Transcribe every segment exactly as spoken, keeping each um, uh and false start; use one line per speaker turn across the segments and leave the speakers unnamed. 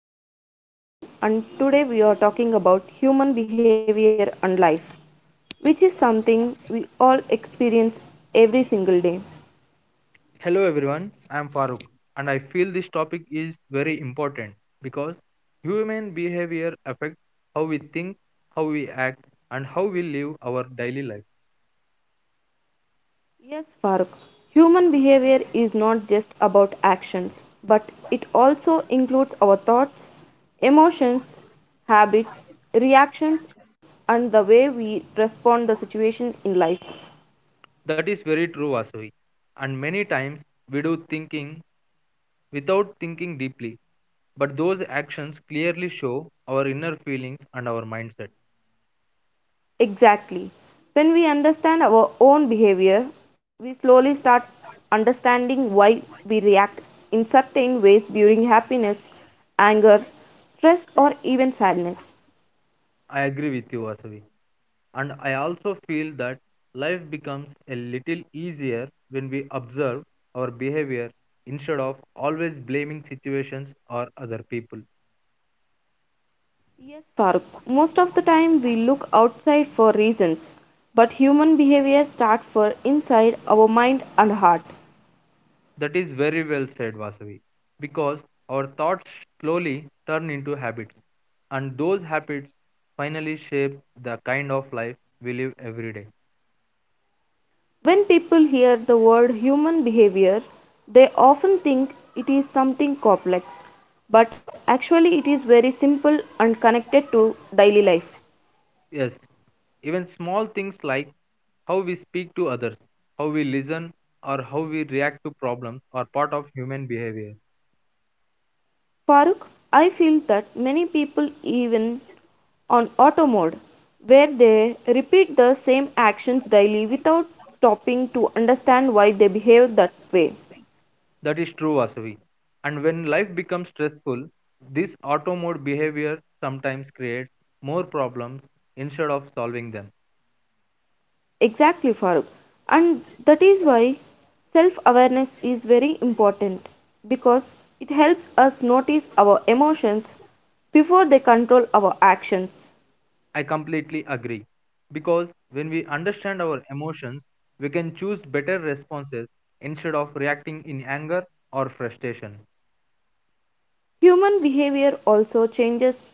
podcast. I am Vasavi and today we are talking about human behavior and life, which is something we all experience every single day.
Hello everyone, I am Farooq and I feel this topic is very important because human behavior affects how we think, how we act, and how we live our daily lives.
Yes, Farooq, human behavior is not just about actions, but it also includes our thoughts, emotions, habits, reactions and the way we respond the situation in life.
That is very true, Vasavi. And many times we do thinking without thinking deeply, but those actions clearly show our inner feelings and our mindset.
Exactly. When we understand our own behavior, we slowly start understanding why we react in certain ways during happiness, anger, stress, or even sadness.
I agree with you, Vasavi. And I also feel that life becomes a little easier when we observe our behavior instead of always blaming situations or other people.
Yes, Farooq, most of the time we look outside for reasons, but human behavior starts for inside our mind and heart.
That is very well said, Vasavi, because our thoughts slowly turn into habits, and those habits finally shape the kind of life we live every day.
When people hear the word human behavior, they often think it is something complex, but actually it is very simple and connected to daily life.
Yes, even small things like how we speak to others, how we listen, or how we react to problems are part of human behavior.
Farooq, I feel that many people even on auto mode where they repeat the same actions daily without stopping to understand why they behave that way.
That is true, Vasavi. And when life becomes stressful, this auto mode behavior sometimes creates more problems instead of solving them.
Exactly, Farooq. And that is why self awareness is very important because it helps us notice our emotions before they control our actions.
I completely agree. Because when we understand our emotions, we can choose better responses instead of reacting in anger or frustration.
Human behavior also changes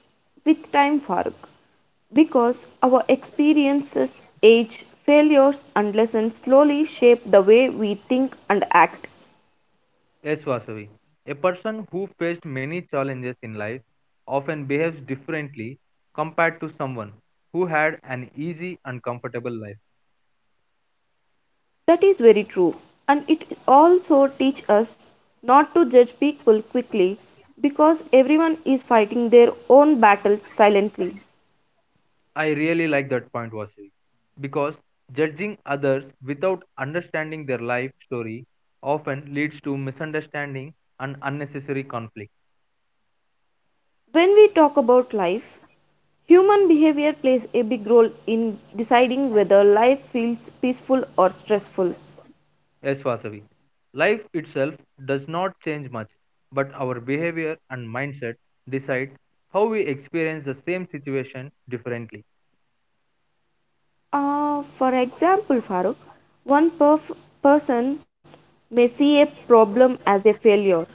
with time, Farooq, because our experiences, age, failures, and lessons slowly shape the way we think and act.
Yes, Vasavi. A person who faced many challenges in life often behaves differently compared to someone who had an easy and comfortable life.
That is very true, and it also teaches us not to judge people quickly because everyone is fighting their own battles silently.
I really like that point, Vasavi, because judging others without understanding their life story often leads to misunderstanding and unnecessary conflict.
When we talk about life, human behavior plays a big role in deciding whether life feels peaceful or stressful.
Yes, Vasavi. Life itself does not change much, but our behavior and mindset decide how we experience the same situation differently.
Uh, for example, Farooq, one perf- person may see a problem as a failure,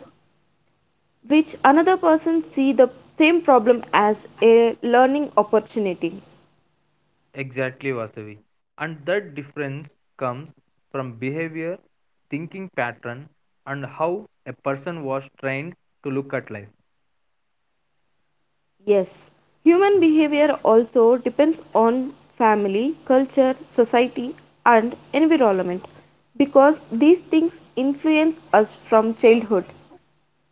which another person see the same problem as a learning opportunity.
Exactly, Vasavi. And that difference comes from behavior, thinking pattern, and how a person was trained to look at life.
Yes, human behavior also depends on family, culture, society, and environment because these things influence us from childhood.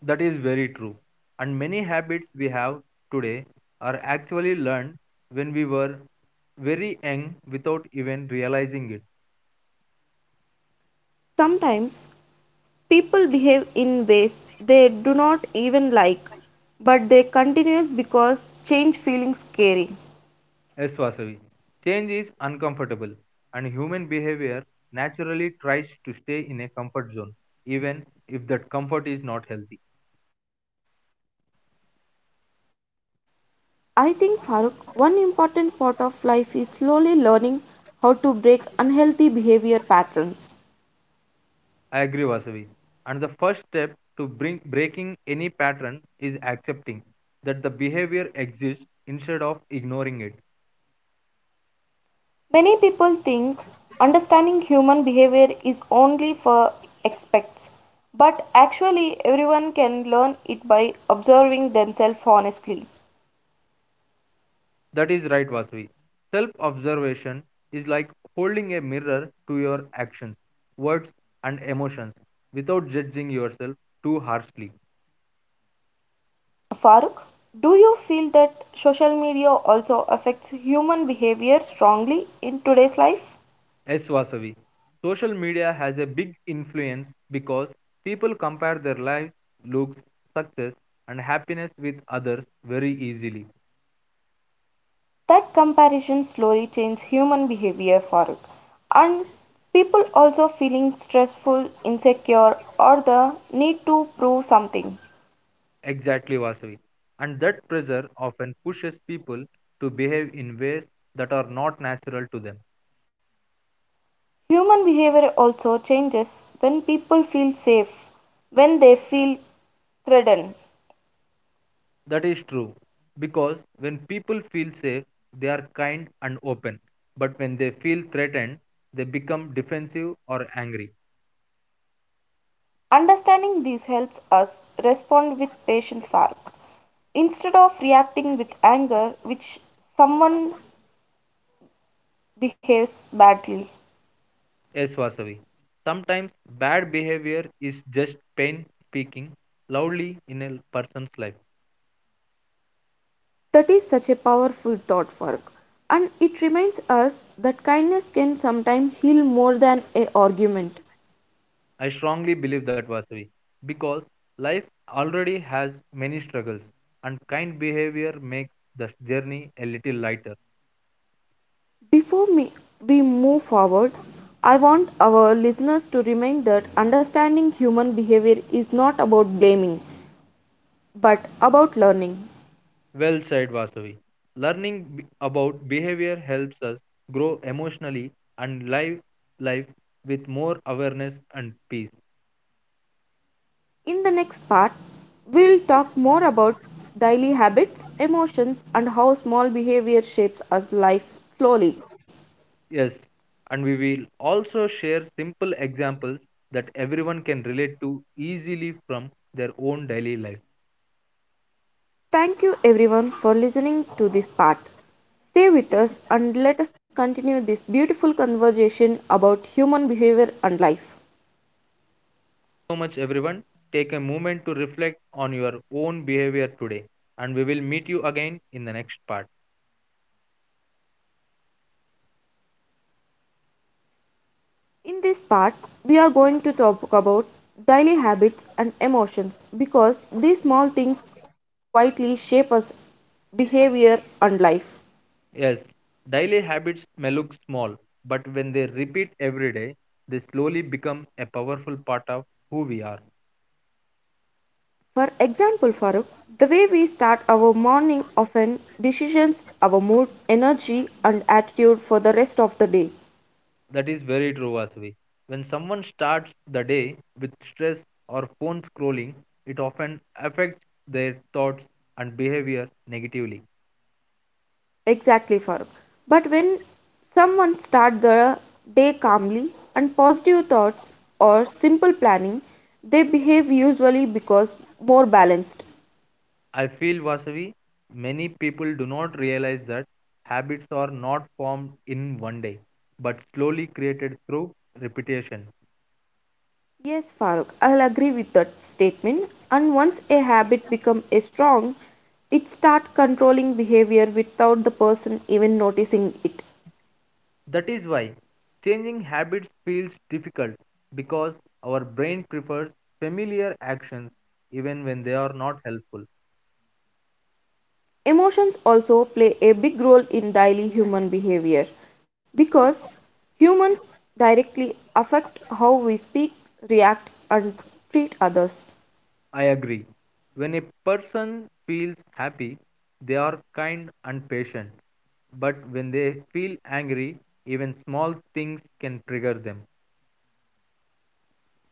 That is very true. And many habits we have today are actually learned when we were very young without even realizing it.
Sometimes people behave in ways they do not even like, but they continue because change feels scary.
Yes, Vasavi. Change is uncomfortable, and human behavior naturally tries to stay in a comfort zone, even if that comfort is not healthy.
I think Farooq, one important part of life is slowly learning how to break unhealthy behavior patterns.
I agree, Vasavi. And the first step to bring breaking any pattern is accepting that the behavior exists instead of ignoring it.
Many people think understanding human behavior is only for experts, but actually, everyone can learn it by observing themselves honestly.
That is right, Vasavi. Self observation is like holding a mirror to your actions, words, and emotions without judging yourself too harshly.
Farooq, do you feel that social media also affects human behavior strongly in today's life?
Yes, Vasavi. Social media has a big influence because people compare their lives, looks, success, and happiness with others very easily.
That comparison slowly changes human behavior, Farooq, and people also feeling stressful, insecure, or the need to prove something.
Exactly, Vasavi. And that pressure often pushes people to behave in ways that are not natural to them.
Human behavior also changes when people feel safe, when they feel threatened.
That is true. Because when people feel safe, they are kind and open. But when they feel threatened, they become defensive or angry.
Understanding these helps us respond with patience work. Instead of reacting with anger, which someone behaves badly.
Yes, Vasavi. Sometimes bad behavior is just pain speaking loudly in a person's life.
That is such a powerful thought work. And it reminds us that kindness can sometimes heal more than a argument.
I strongly believe that, Vasavi, because life already has many struggles, and kind behavior makes the journey a little lighter.
Before me, we move forward, I want our listeners to remind that understanding human behavior is not about blaming, but about learning.
Well said, Vasavi. Learning b- about behavior helps us grow emotionally and live life with more awareness and peace.
In the next part, we will talk more about daily habits, emotions, and how small behavior shapes us life slowly.
Yes, and we will also share simple examples that everyone can relate to easily from their own daily life.
Thank you everyone for listening to this part. Stay with us and let us continue this beautiful conversation about human behavior and life.
So much, everyone. Take a moment to reflect on your own behavior today, and we will meet you again in the next part.
In this part, we are going to talk about daily habits and emotions because these small things quietly shape us behavior and life.
Yes, daily habits may look small, but when they repeat every day, they slowly become a powerful part of who we are.
For example, Farooq, the way we start our morning often decisions our mood, energy and attitude for the rest of the day.
That is very true, Vasavi. When someone starts the day with stress or phone scrolling, it often affects their thoughts and behavior negatively.
Exactly, Farooq. But when someone starts their day calmly and positive thoughts or simple planning, they behave usually because more balanced.
I feel, Vasavi, many people do not realize that habits are not formed in one day, but slowly created through repetition.
Yes, Farooq, I'll agree with that statement. And once a habit becomes strong, it starts controlling behavior without the person even noticing it.
That is why changing habits feels difficult because our brain prefers familiar actions even when they are not helpful.
Emotions also play a big role in daily human behavior because humans directly affect how we speak, react, and treat others.
I agree. When a person feels happy, they are kind and patient, but when they feel angry, even small things can trigger them.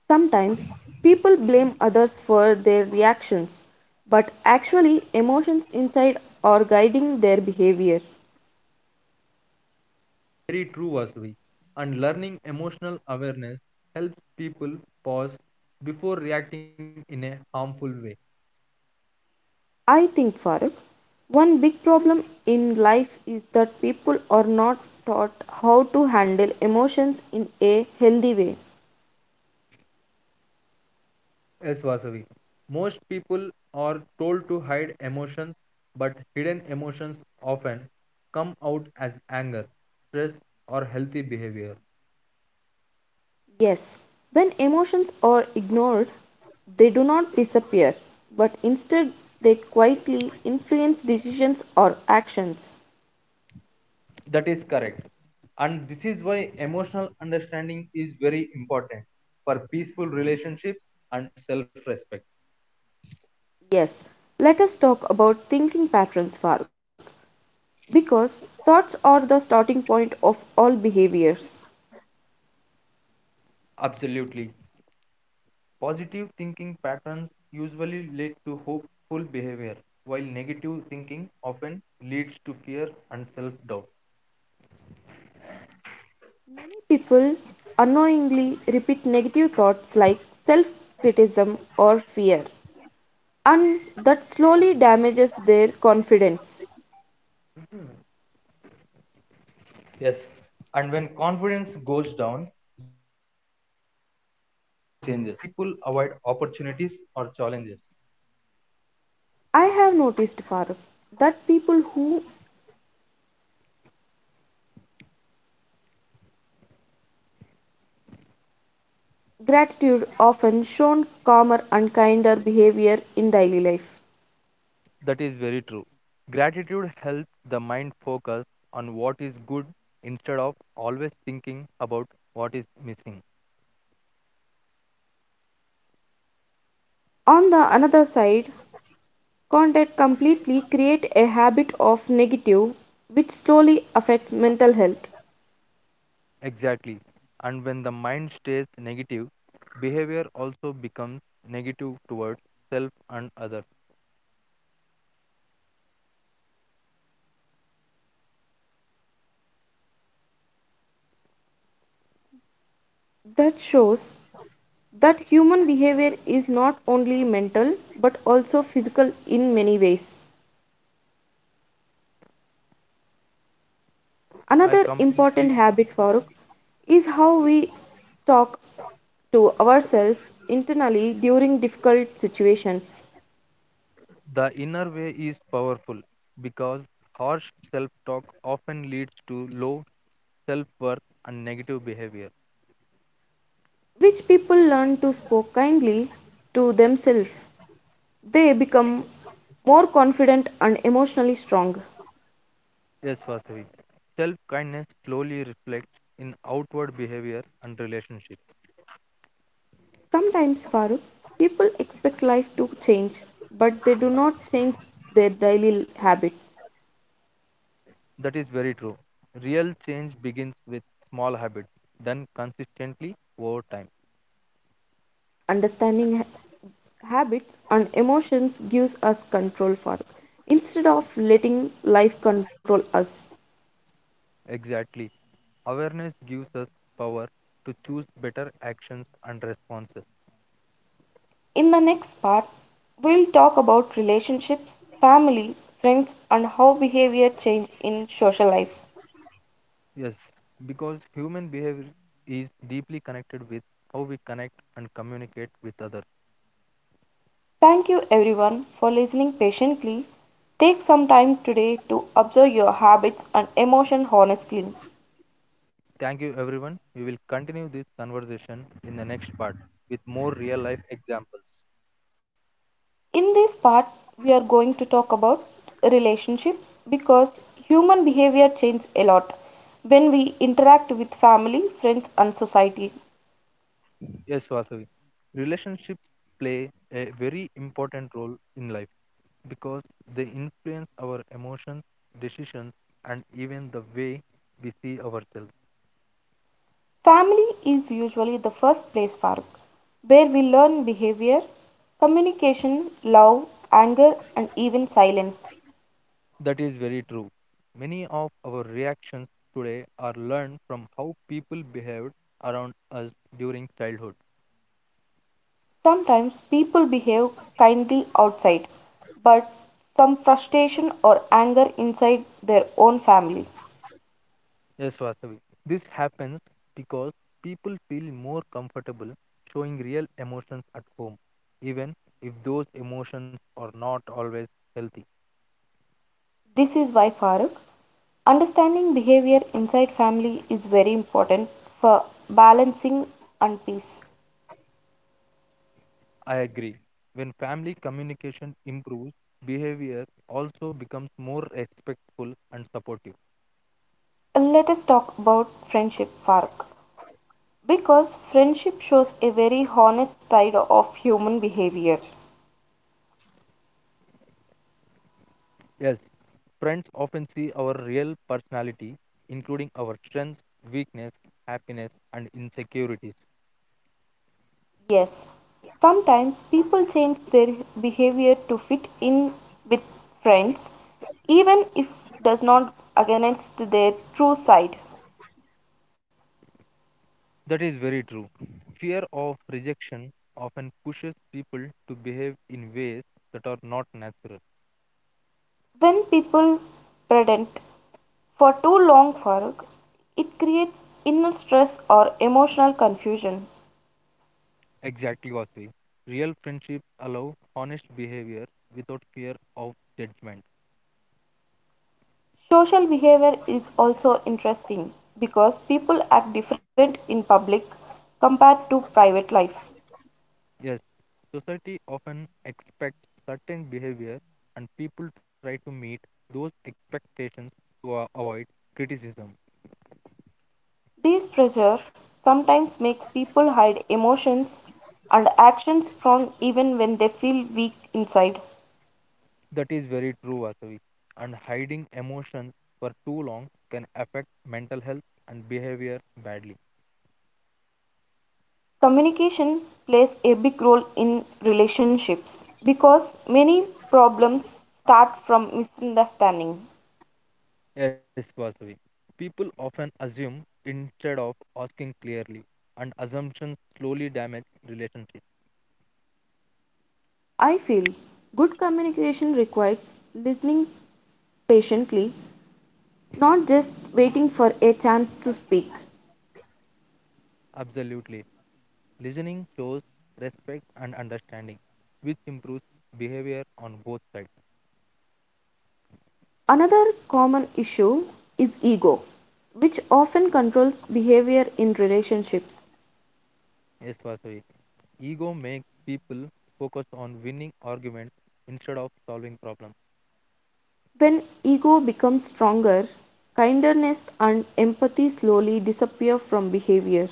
Sometimes people blame others for their reactions, but actually, emotions inside are guiding their behavior.
Very true, Vasavi. And learning emotional awareness helps people pause before reacting in a harmful way.
I think, Farooq, one big problem in life is that people are not taught how to handle emotions in a healthy way.
Yes, Vasavi. Most people are told to hide emotions, but hidden emotions often come out as anger, stress, or healthy behavior.
Yes, when emotions are ignored, they do not disappear, but instead they quietly influence decisions or actions.
That is correct. And this is why emotional understanding is very important for peaceful relationships and self respect.
Yes, let us talk about thinking patterns, Farooq, because thoughts are the starting point of all behaviors.
Absolutely. Positive thinking patterns usually lead to hopeful behavior, while negative thinking often leads to fear and self doubt.
Many people unknowingly repeat negative thoughts like self criticism or fear, and that slowly damages their confidence.
Yes, and when confidence goes down, behavior also changes, making people avoid opportunities or challenges.
I have noticed, Farooq, that people who gratitude often shown calmer and kinder behavior in daily life.
That is very true. Gratitude helps the mind focus on what is good instead of always thinking about what is missing.
On the another side, content completely create a habit of negative which slowly affects mental health.
Exactly. And when the mind stays negative, behavior also becomes negative towards self and others.
That shows that human behavior is not only mental but also physical in many ways.
I
Another important
completely.
habit, Farooq, is how we talk to ourselves internally during difficult situations.
The inner way is powerful because harsh self talk often leads to low self worth and negative behavior.
Which people learn to speak kindly to themselves, they become more confident and emotionally strong.
Yes, Vasavi. Self kindness slowly reflects in outward behavior and relationships.
Sometimes, Farooq, people expect life to change, but they do not change their daily habits.
That is very true. Real change begins with small habits done consistently over time.
Understanding habits and emotions gives us control for instead of letting life control us.
Exactly. Awareness gives us power to choose better actions and responses.
In the next part, we'll talk about relationships, family, friends, and how behavior change in social life.
Yes, because human behavior is deeply connected with how we connect and communicate with others.
Thank you everyone for listening patiently. Take some time today to observe your habits and emotion honestly.
Thank you, everyone. We will continue this conversation in the next part with more real life examples.
In this part, we are going to talk about relationships because human behavior changes a lot when we interact with family, friends, and society.
Yes, Vasavi. Relationships play a very important role in life because they influence our emotions, decisions, and even the way we see ourselves.
Family is usually the first place, Faruk, where we learn behavior, communication, love, anger, and even silence.
That is very true. Many of our reactions today are learned from how people behaved around us during childhood.
Sometimes people behave kindly outside, but some frustration or anger inside their own family.
Yes, Vasavi. This happens because people feel more comfortable showing real emotions at home, even if those emotions are not always healthy.
This is why Farooq, understanding behavior inside family is very important for balancing and peace.
I agree. When family communication improves, behavior also becomes more respectful and supportive.
Let us talk about friendship, Farooq, because friendship shows a very honest side of human behavior.
Yes, friends often see our real personality, including our strengths, weakness, happiness, and insecurities.
Yes, sometimes people change their behavior to fit in with friends, even if does not against their true side.
That is very true. Fear of rejection often pushes people to behave in ways that are not natural.
When people pedant for too long for it creates inner stress or emotional confusion.
Exactly, Vasvi. Real friendships allow honest behavior without fear of judgment.
Social behavior is also interesting because people act different in public compared to private life.
Yes, society often expects certain behavior, and people try to meet those expectations to uh, avoid criticism.
This pressure sometimes makes people hide emotions and actions strong even when they feel weak inside.
That is very true, Vasavi. And hiding emotions for too long can affect mental health and behavior badly.
Communication plays a big role in relationships because many problems start from misunderstanding.
Yes, Vasavi. People often assume instead of asking clearly, and assumptions slowly damage relationships.
I feel good communication requires listening patiently, not just waiting for a chance to speak.
Absolutely. Listening shows respect and understanding, which improves behavior on both sides.
Another common issue is ego, which often controls behavior in relationships.
Yes, Vasavi. Ego makes people focus on winning arguments instead of solving problems.
When ego becomes stronger, kindness and empathy slowly disappear from behavior.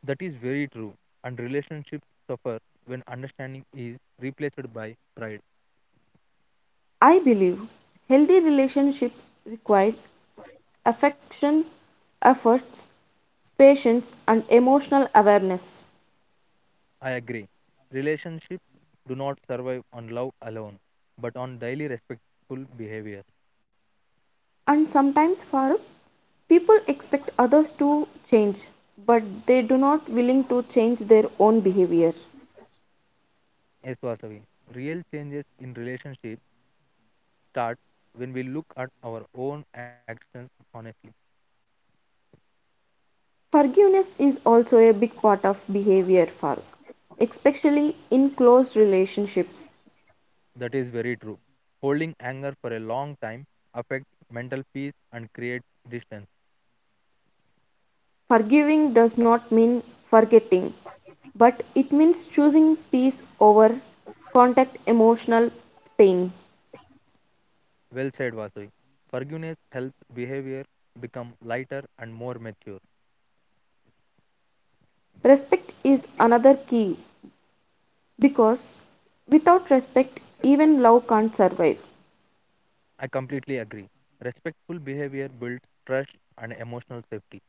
That is very true, and relationships suffer when understanding is replaced by pride.
I believe healthy relationships require affection, efforts, patience, and emotional awareness.
I agree. Relationships do not survive on love alone, but on daily respectful behavior.
And sometimes, Farooq, people expect others to change, but they do not willing to change their own behavior.
Yes, Vasavi. Real changes in relationships start when we look at our own actions honestly.
Forgiveness is also a big part of behavior, Farooq, especially in close relationships.
That is very true. Holding anger for a long time affects mental peace and creates distance.
Forgiving does not mean forgetting, but it means choosing peace over contact emotional pain.
Well said, Vasavi. Forgiveness helps behavior become lighter and more mature.
Respect is another key because without respect, even love can't survive.
I completely agree. Respectful behavior builds trust and emotional safety.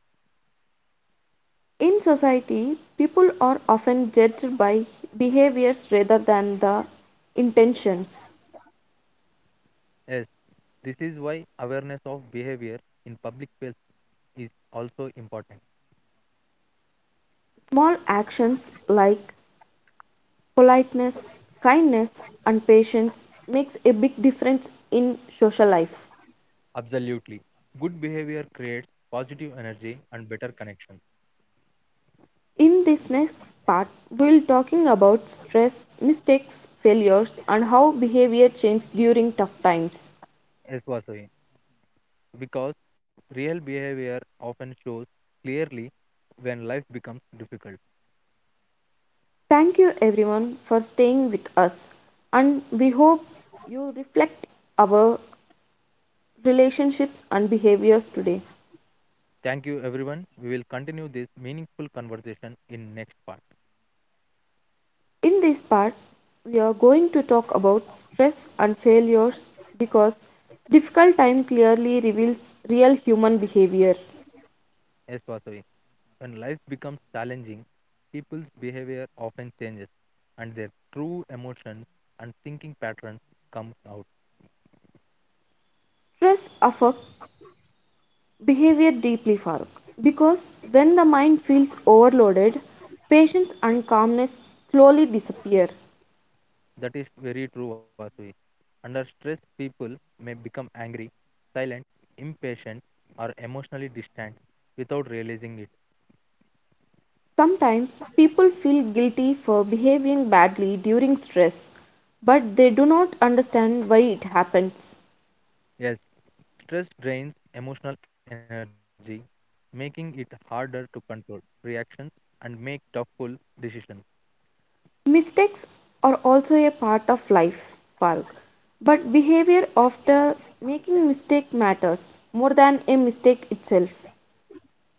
In society, people are often judged by behaviors rather than the intentions.
Yes, this is why awareness of behavior in public space is also important.
Small actions like politeness, kindness, and patience makes a big difference in social life.
Absolutely. Good behavior creates positive energy and better connections.
In this next part, we'll talking about stress, mistakes, failures and how behavior changes during tough times.
Yes, Vasavi. Because real behavior often shows clearly when life becomes difficult.
Thank you everyone for staying with us and we hope you reflect our relationships and behaviors today.
Thank you, everyone. We will continue this meaningful conversation in next part.
In this part, we are going to talk about stress and failures because difficult time clearly reveals real human behavior.
Yes, Vasavi. When life becomes challenging, people's behavior often changes and their true emotions and thinking patterns comes out.
Stress affects behavior deeply, Farooq, because when the mind feels overloaded, patience and calmness slowly disappear.
That is very true, Vasavi. Under stress, people may become angry, silent, impatient, or emotionally distant without realizing it.
Sometimes people feel guilty for behaving badly during stress, but they do not understand why it happens.
Yes, stress drains emotional energy, making it harder to control reactions and make tough, full decisions.
Mistakes are also a part of life, Farooq, but behavior after making mistake matters more than a mistake itself.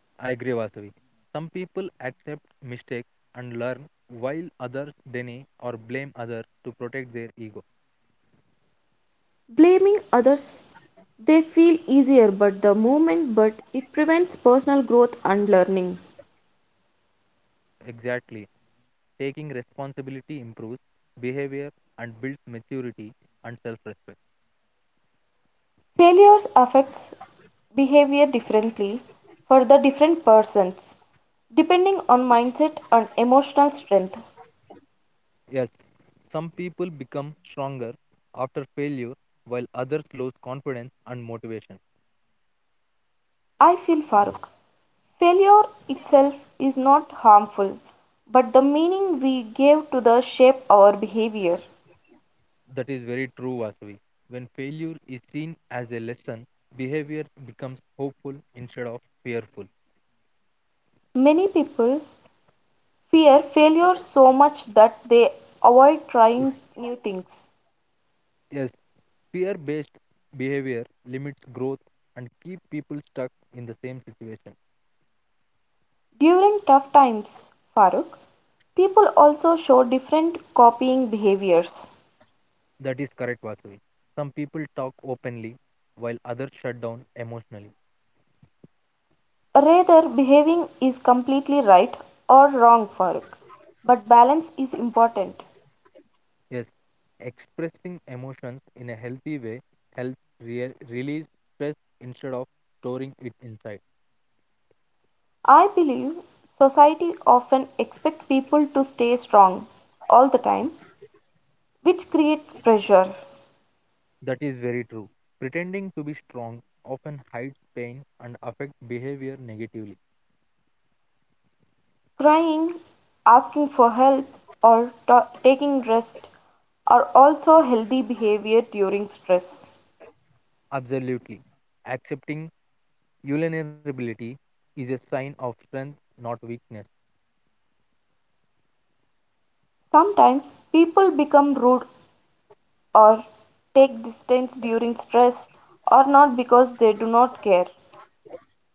I agree, Vasavi. Some people accept mistakes and learn, while others deny or blame others to protect their ego.
Blaming others they feel easier but the moment but it prevents personal growth and learning.
Exactly. Taking responsibility improves behavior and builds maturity and self respect.
Failures affects behavior differently for the different persons depending on mindset and emotional strength.
Yes, some people become stronger after failure, while others lose confidence and motivation.
I feel Farooq. Failure itself is not harmful, but the meaning we give to the shape our behavior.
That is very true, Vasavi. When failure is seen as a lesson, behavior becomes hopeful instead of fearful.
Many people fear failure so much that they avoid trying new things.
Yes, fear based behavior limits growth and keep people stuck in the same situation.
During tough times, Farooq, people also show different copying behaviors.
That is correct, Vasuvi. Some people talk openly while others shut down emotionally.
Rather, behaving is completely right or wrong, Farooq, but balance is important.
Yes, expressing emotions in a healthy way helps re- release stress instead of storing it inside.
I believe society often expects people to stay strong all the time, which creates pressure.
That is very true. Pretending to be strong often hides pain and affects behavior negatively.
Crying, asking for help, or ta- taking rest are also healthy behavior during stress.
Absolutely. Accepting vulnerability is a sign of strength, not weakness.
Sometimes people become rude or take distance during stress or not because they do not care.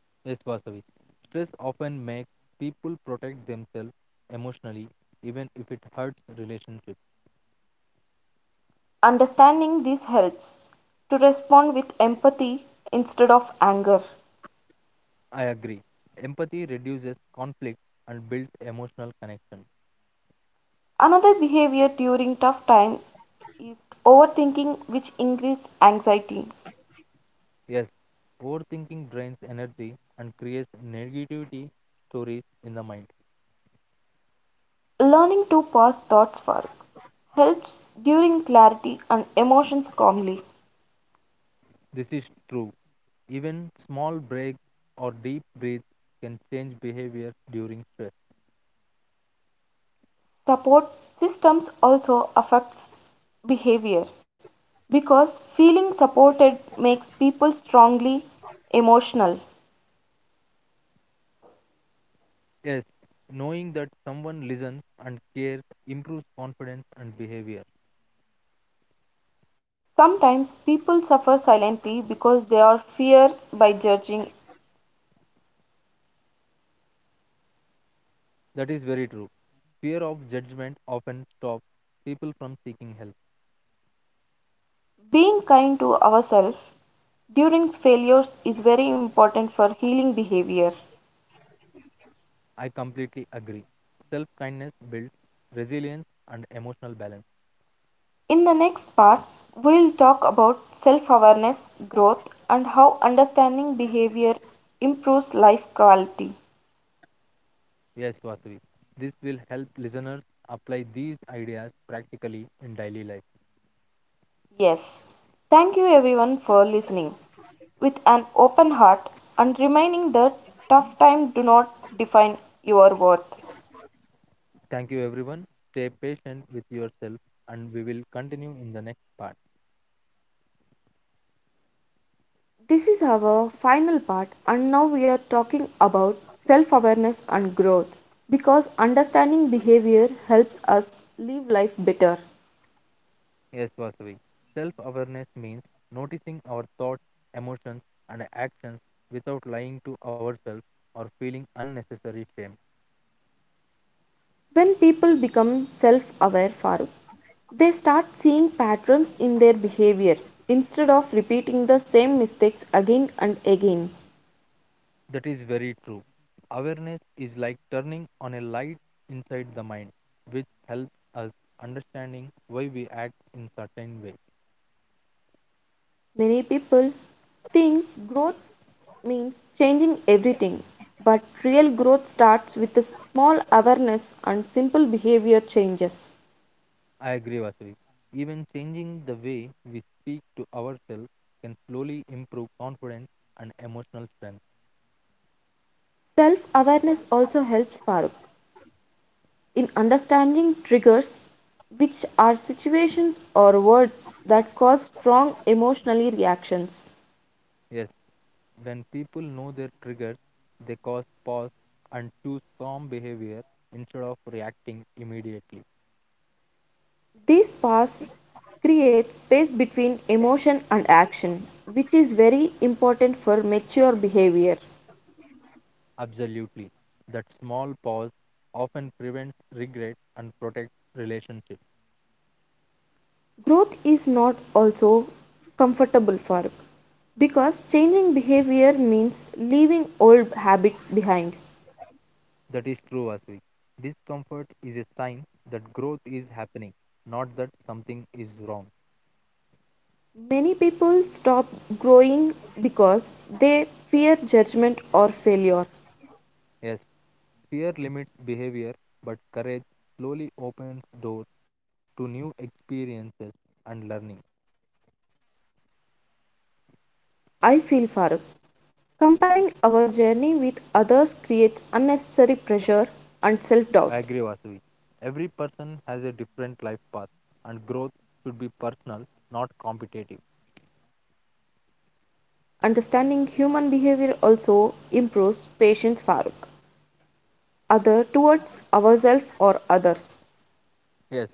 Yes, Vasavi. Stress often makes people protect themselves emotionally, even if it hurts relationships.
Understanding this helps to respond with empathy instead of anger.
I agree. Empathy reduces conflict and builds emotional connection.
Another behavior during tough time is overthinking which increases anxiety.
Yes, overthinking drains energy and creates negativity stories in the mind.
Learning to pass thoughts for helps during clarity and emotions calmly.
This is true. Even small breaks or deep breaths can change behavior during stress.
Support systems also affects behavior because feeling supported makes people strongly emotional.
Yes, knowing that someone listens and cares improves confidence and behavior.
Sometimes people suffer silently because they are fear by judging.
That is very true. Fear of judgment often stops people from seeking help.
Being kind to ourselves during failures is very important for healing behavior.
I completely agree. Self kindness builds resilience and emotional balance.
In the next part we'll talk about self-awareness, growth and how understanding behavior improves life quality.
Yes, Vasavi. This will help listeners apply these ideas practically in daily life.
Yes. Thank you everyone for listening with an open heart and reminding that tough time do not define your worth.
Thank you, everyone. Stay patient with yourself, and we will continue in the next part.
This is our final part and now we are talking about self-awareness and growth because understanding behavior helps us live life better.
Yes, Vasavi. Self awareness means noticing our thoughts, emotions, and actions without lying to ourselves or feeling unnecessary shame.
When people become self-aware Farooq, they start seeing patterns in their behavior instead of repeating the same mistakes again and again.
That is very true. Awareness is like turning on a light inside the mind, which helps us understanding why we act in certain ways.
Many people think growth means changing everything, but real growth starts with a small awareness and simple behavior changes.
I agree, Vasavi. Even changing the way we speak to ourselves can slowly improve confidence and emotional strength.
Self awareness also helps Farooq in understanding triggers, which are situations or words that cause strong emotionally reactions.
Yes, when people know their triggers, they cause pause and choose calm behavior instead of reacting immediately.
These paths create space between emotion and action, which is very important for mature behavior.
Absolutely. That small pause often prevents regret and protects relationships.
Growth is not also comfortable for us because changing behavior means leaving old habits behind.
That is true, Asvi. Discomfort is a sign that growth is happening, not that something is wrong.
Many people stop growing because they fear judgment or failure.
Yes, fear limits behavior, but courage slowly opens doors to new experiences and learning.
I feel Faruk, comparing our journey with others creates unnecessary pressure and self-doubt.
I agree, Vasuvi. Every person has a different life path, and growth should be personal, not competitive.
Understanding human behavior also improves patience Faruk, other towards ourselves or others.
Yes,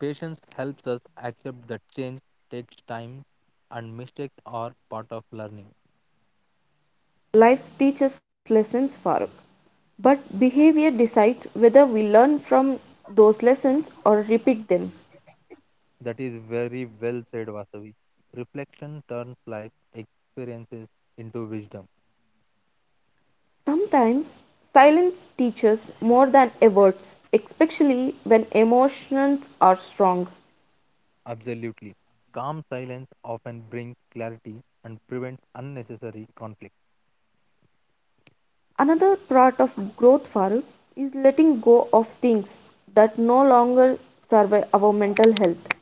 patience helps us accept that change takes time, and mistakes are part of learning.
Life teaches lessons, Farooq, but behavior decides whether we learn from those lessons or repeat them.
That is very well said, Vasavi. Reflection turns life experiences into wisdom.
Sometimes silence teaches more than words, especially when emotions are strong.
Absolutely. Calm silence often brings clarity and prevents unnecessary conflict.
Another part of growth, Farooq, is letting go of things that no longer serve our mental health.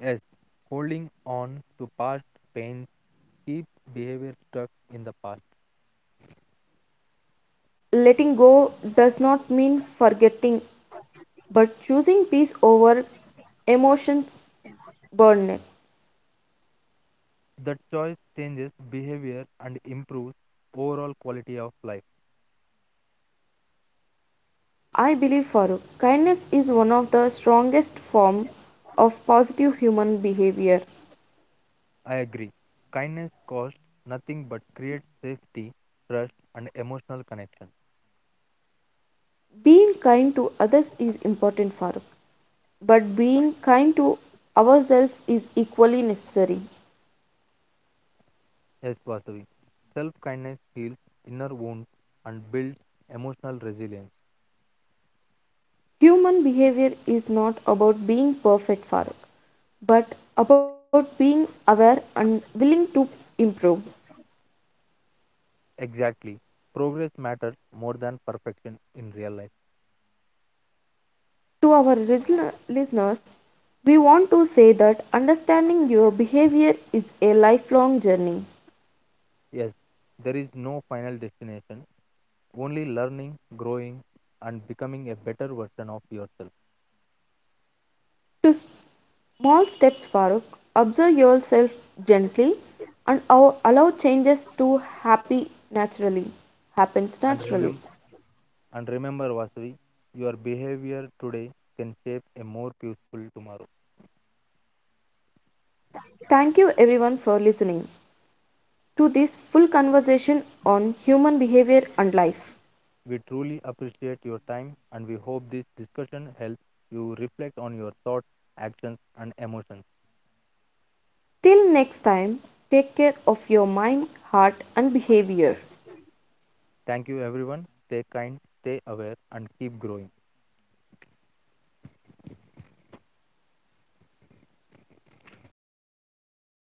Yes, holding on to past pains keep behavior stuck in the past.
Letting go does not mean forgetting, but choosing peace over emotions burden.
That choice changes behavior and improves overall quality of life.
I believe, Farooq, kindness is one of the strongest forms of positive human behavior.
I agree. Kindness costs nothing but creates safety, trust, and emotional connection.
Being kind to others is important, Farooq, but being kind to ourselves is equally necessary.
Yes, Vasavi. Self kindness heals inner wounds and builds emotional resilience.
Human behavior is not about being perfect, Farooq, but about being aware and willing to improve.
Exactly. Progress matters more than perfection in real life.
To our listeners, we want to say that understanding your behavior is a lifelong journey.
Yes, there is no final destination, only learning, growing, and becoming a better version of yourself.
To small steps, Farooq. Observe yourself gently and allow changes to happy naturally. Happens
And
naturally.
remember, and remember, Vasavi, your behavior today can shape a more peaceful tomorrow.
Thank you everyone for listening to this full conversation on human behavior and life.
We truly appreciate your time, and we hope this discussion helps you reflect on your thoughts, actions, and emotions.
Till next time, take care of your mind, heart and behavior.
Thank you, everyone. Stay kind, stay aware, and keep growing.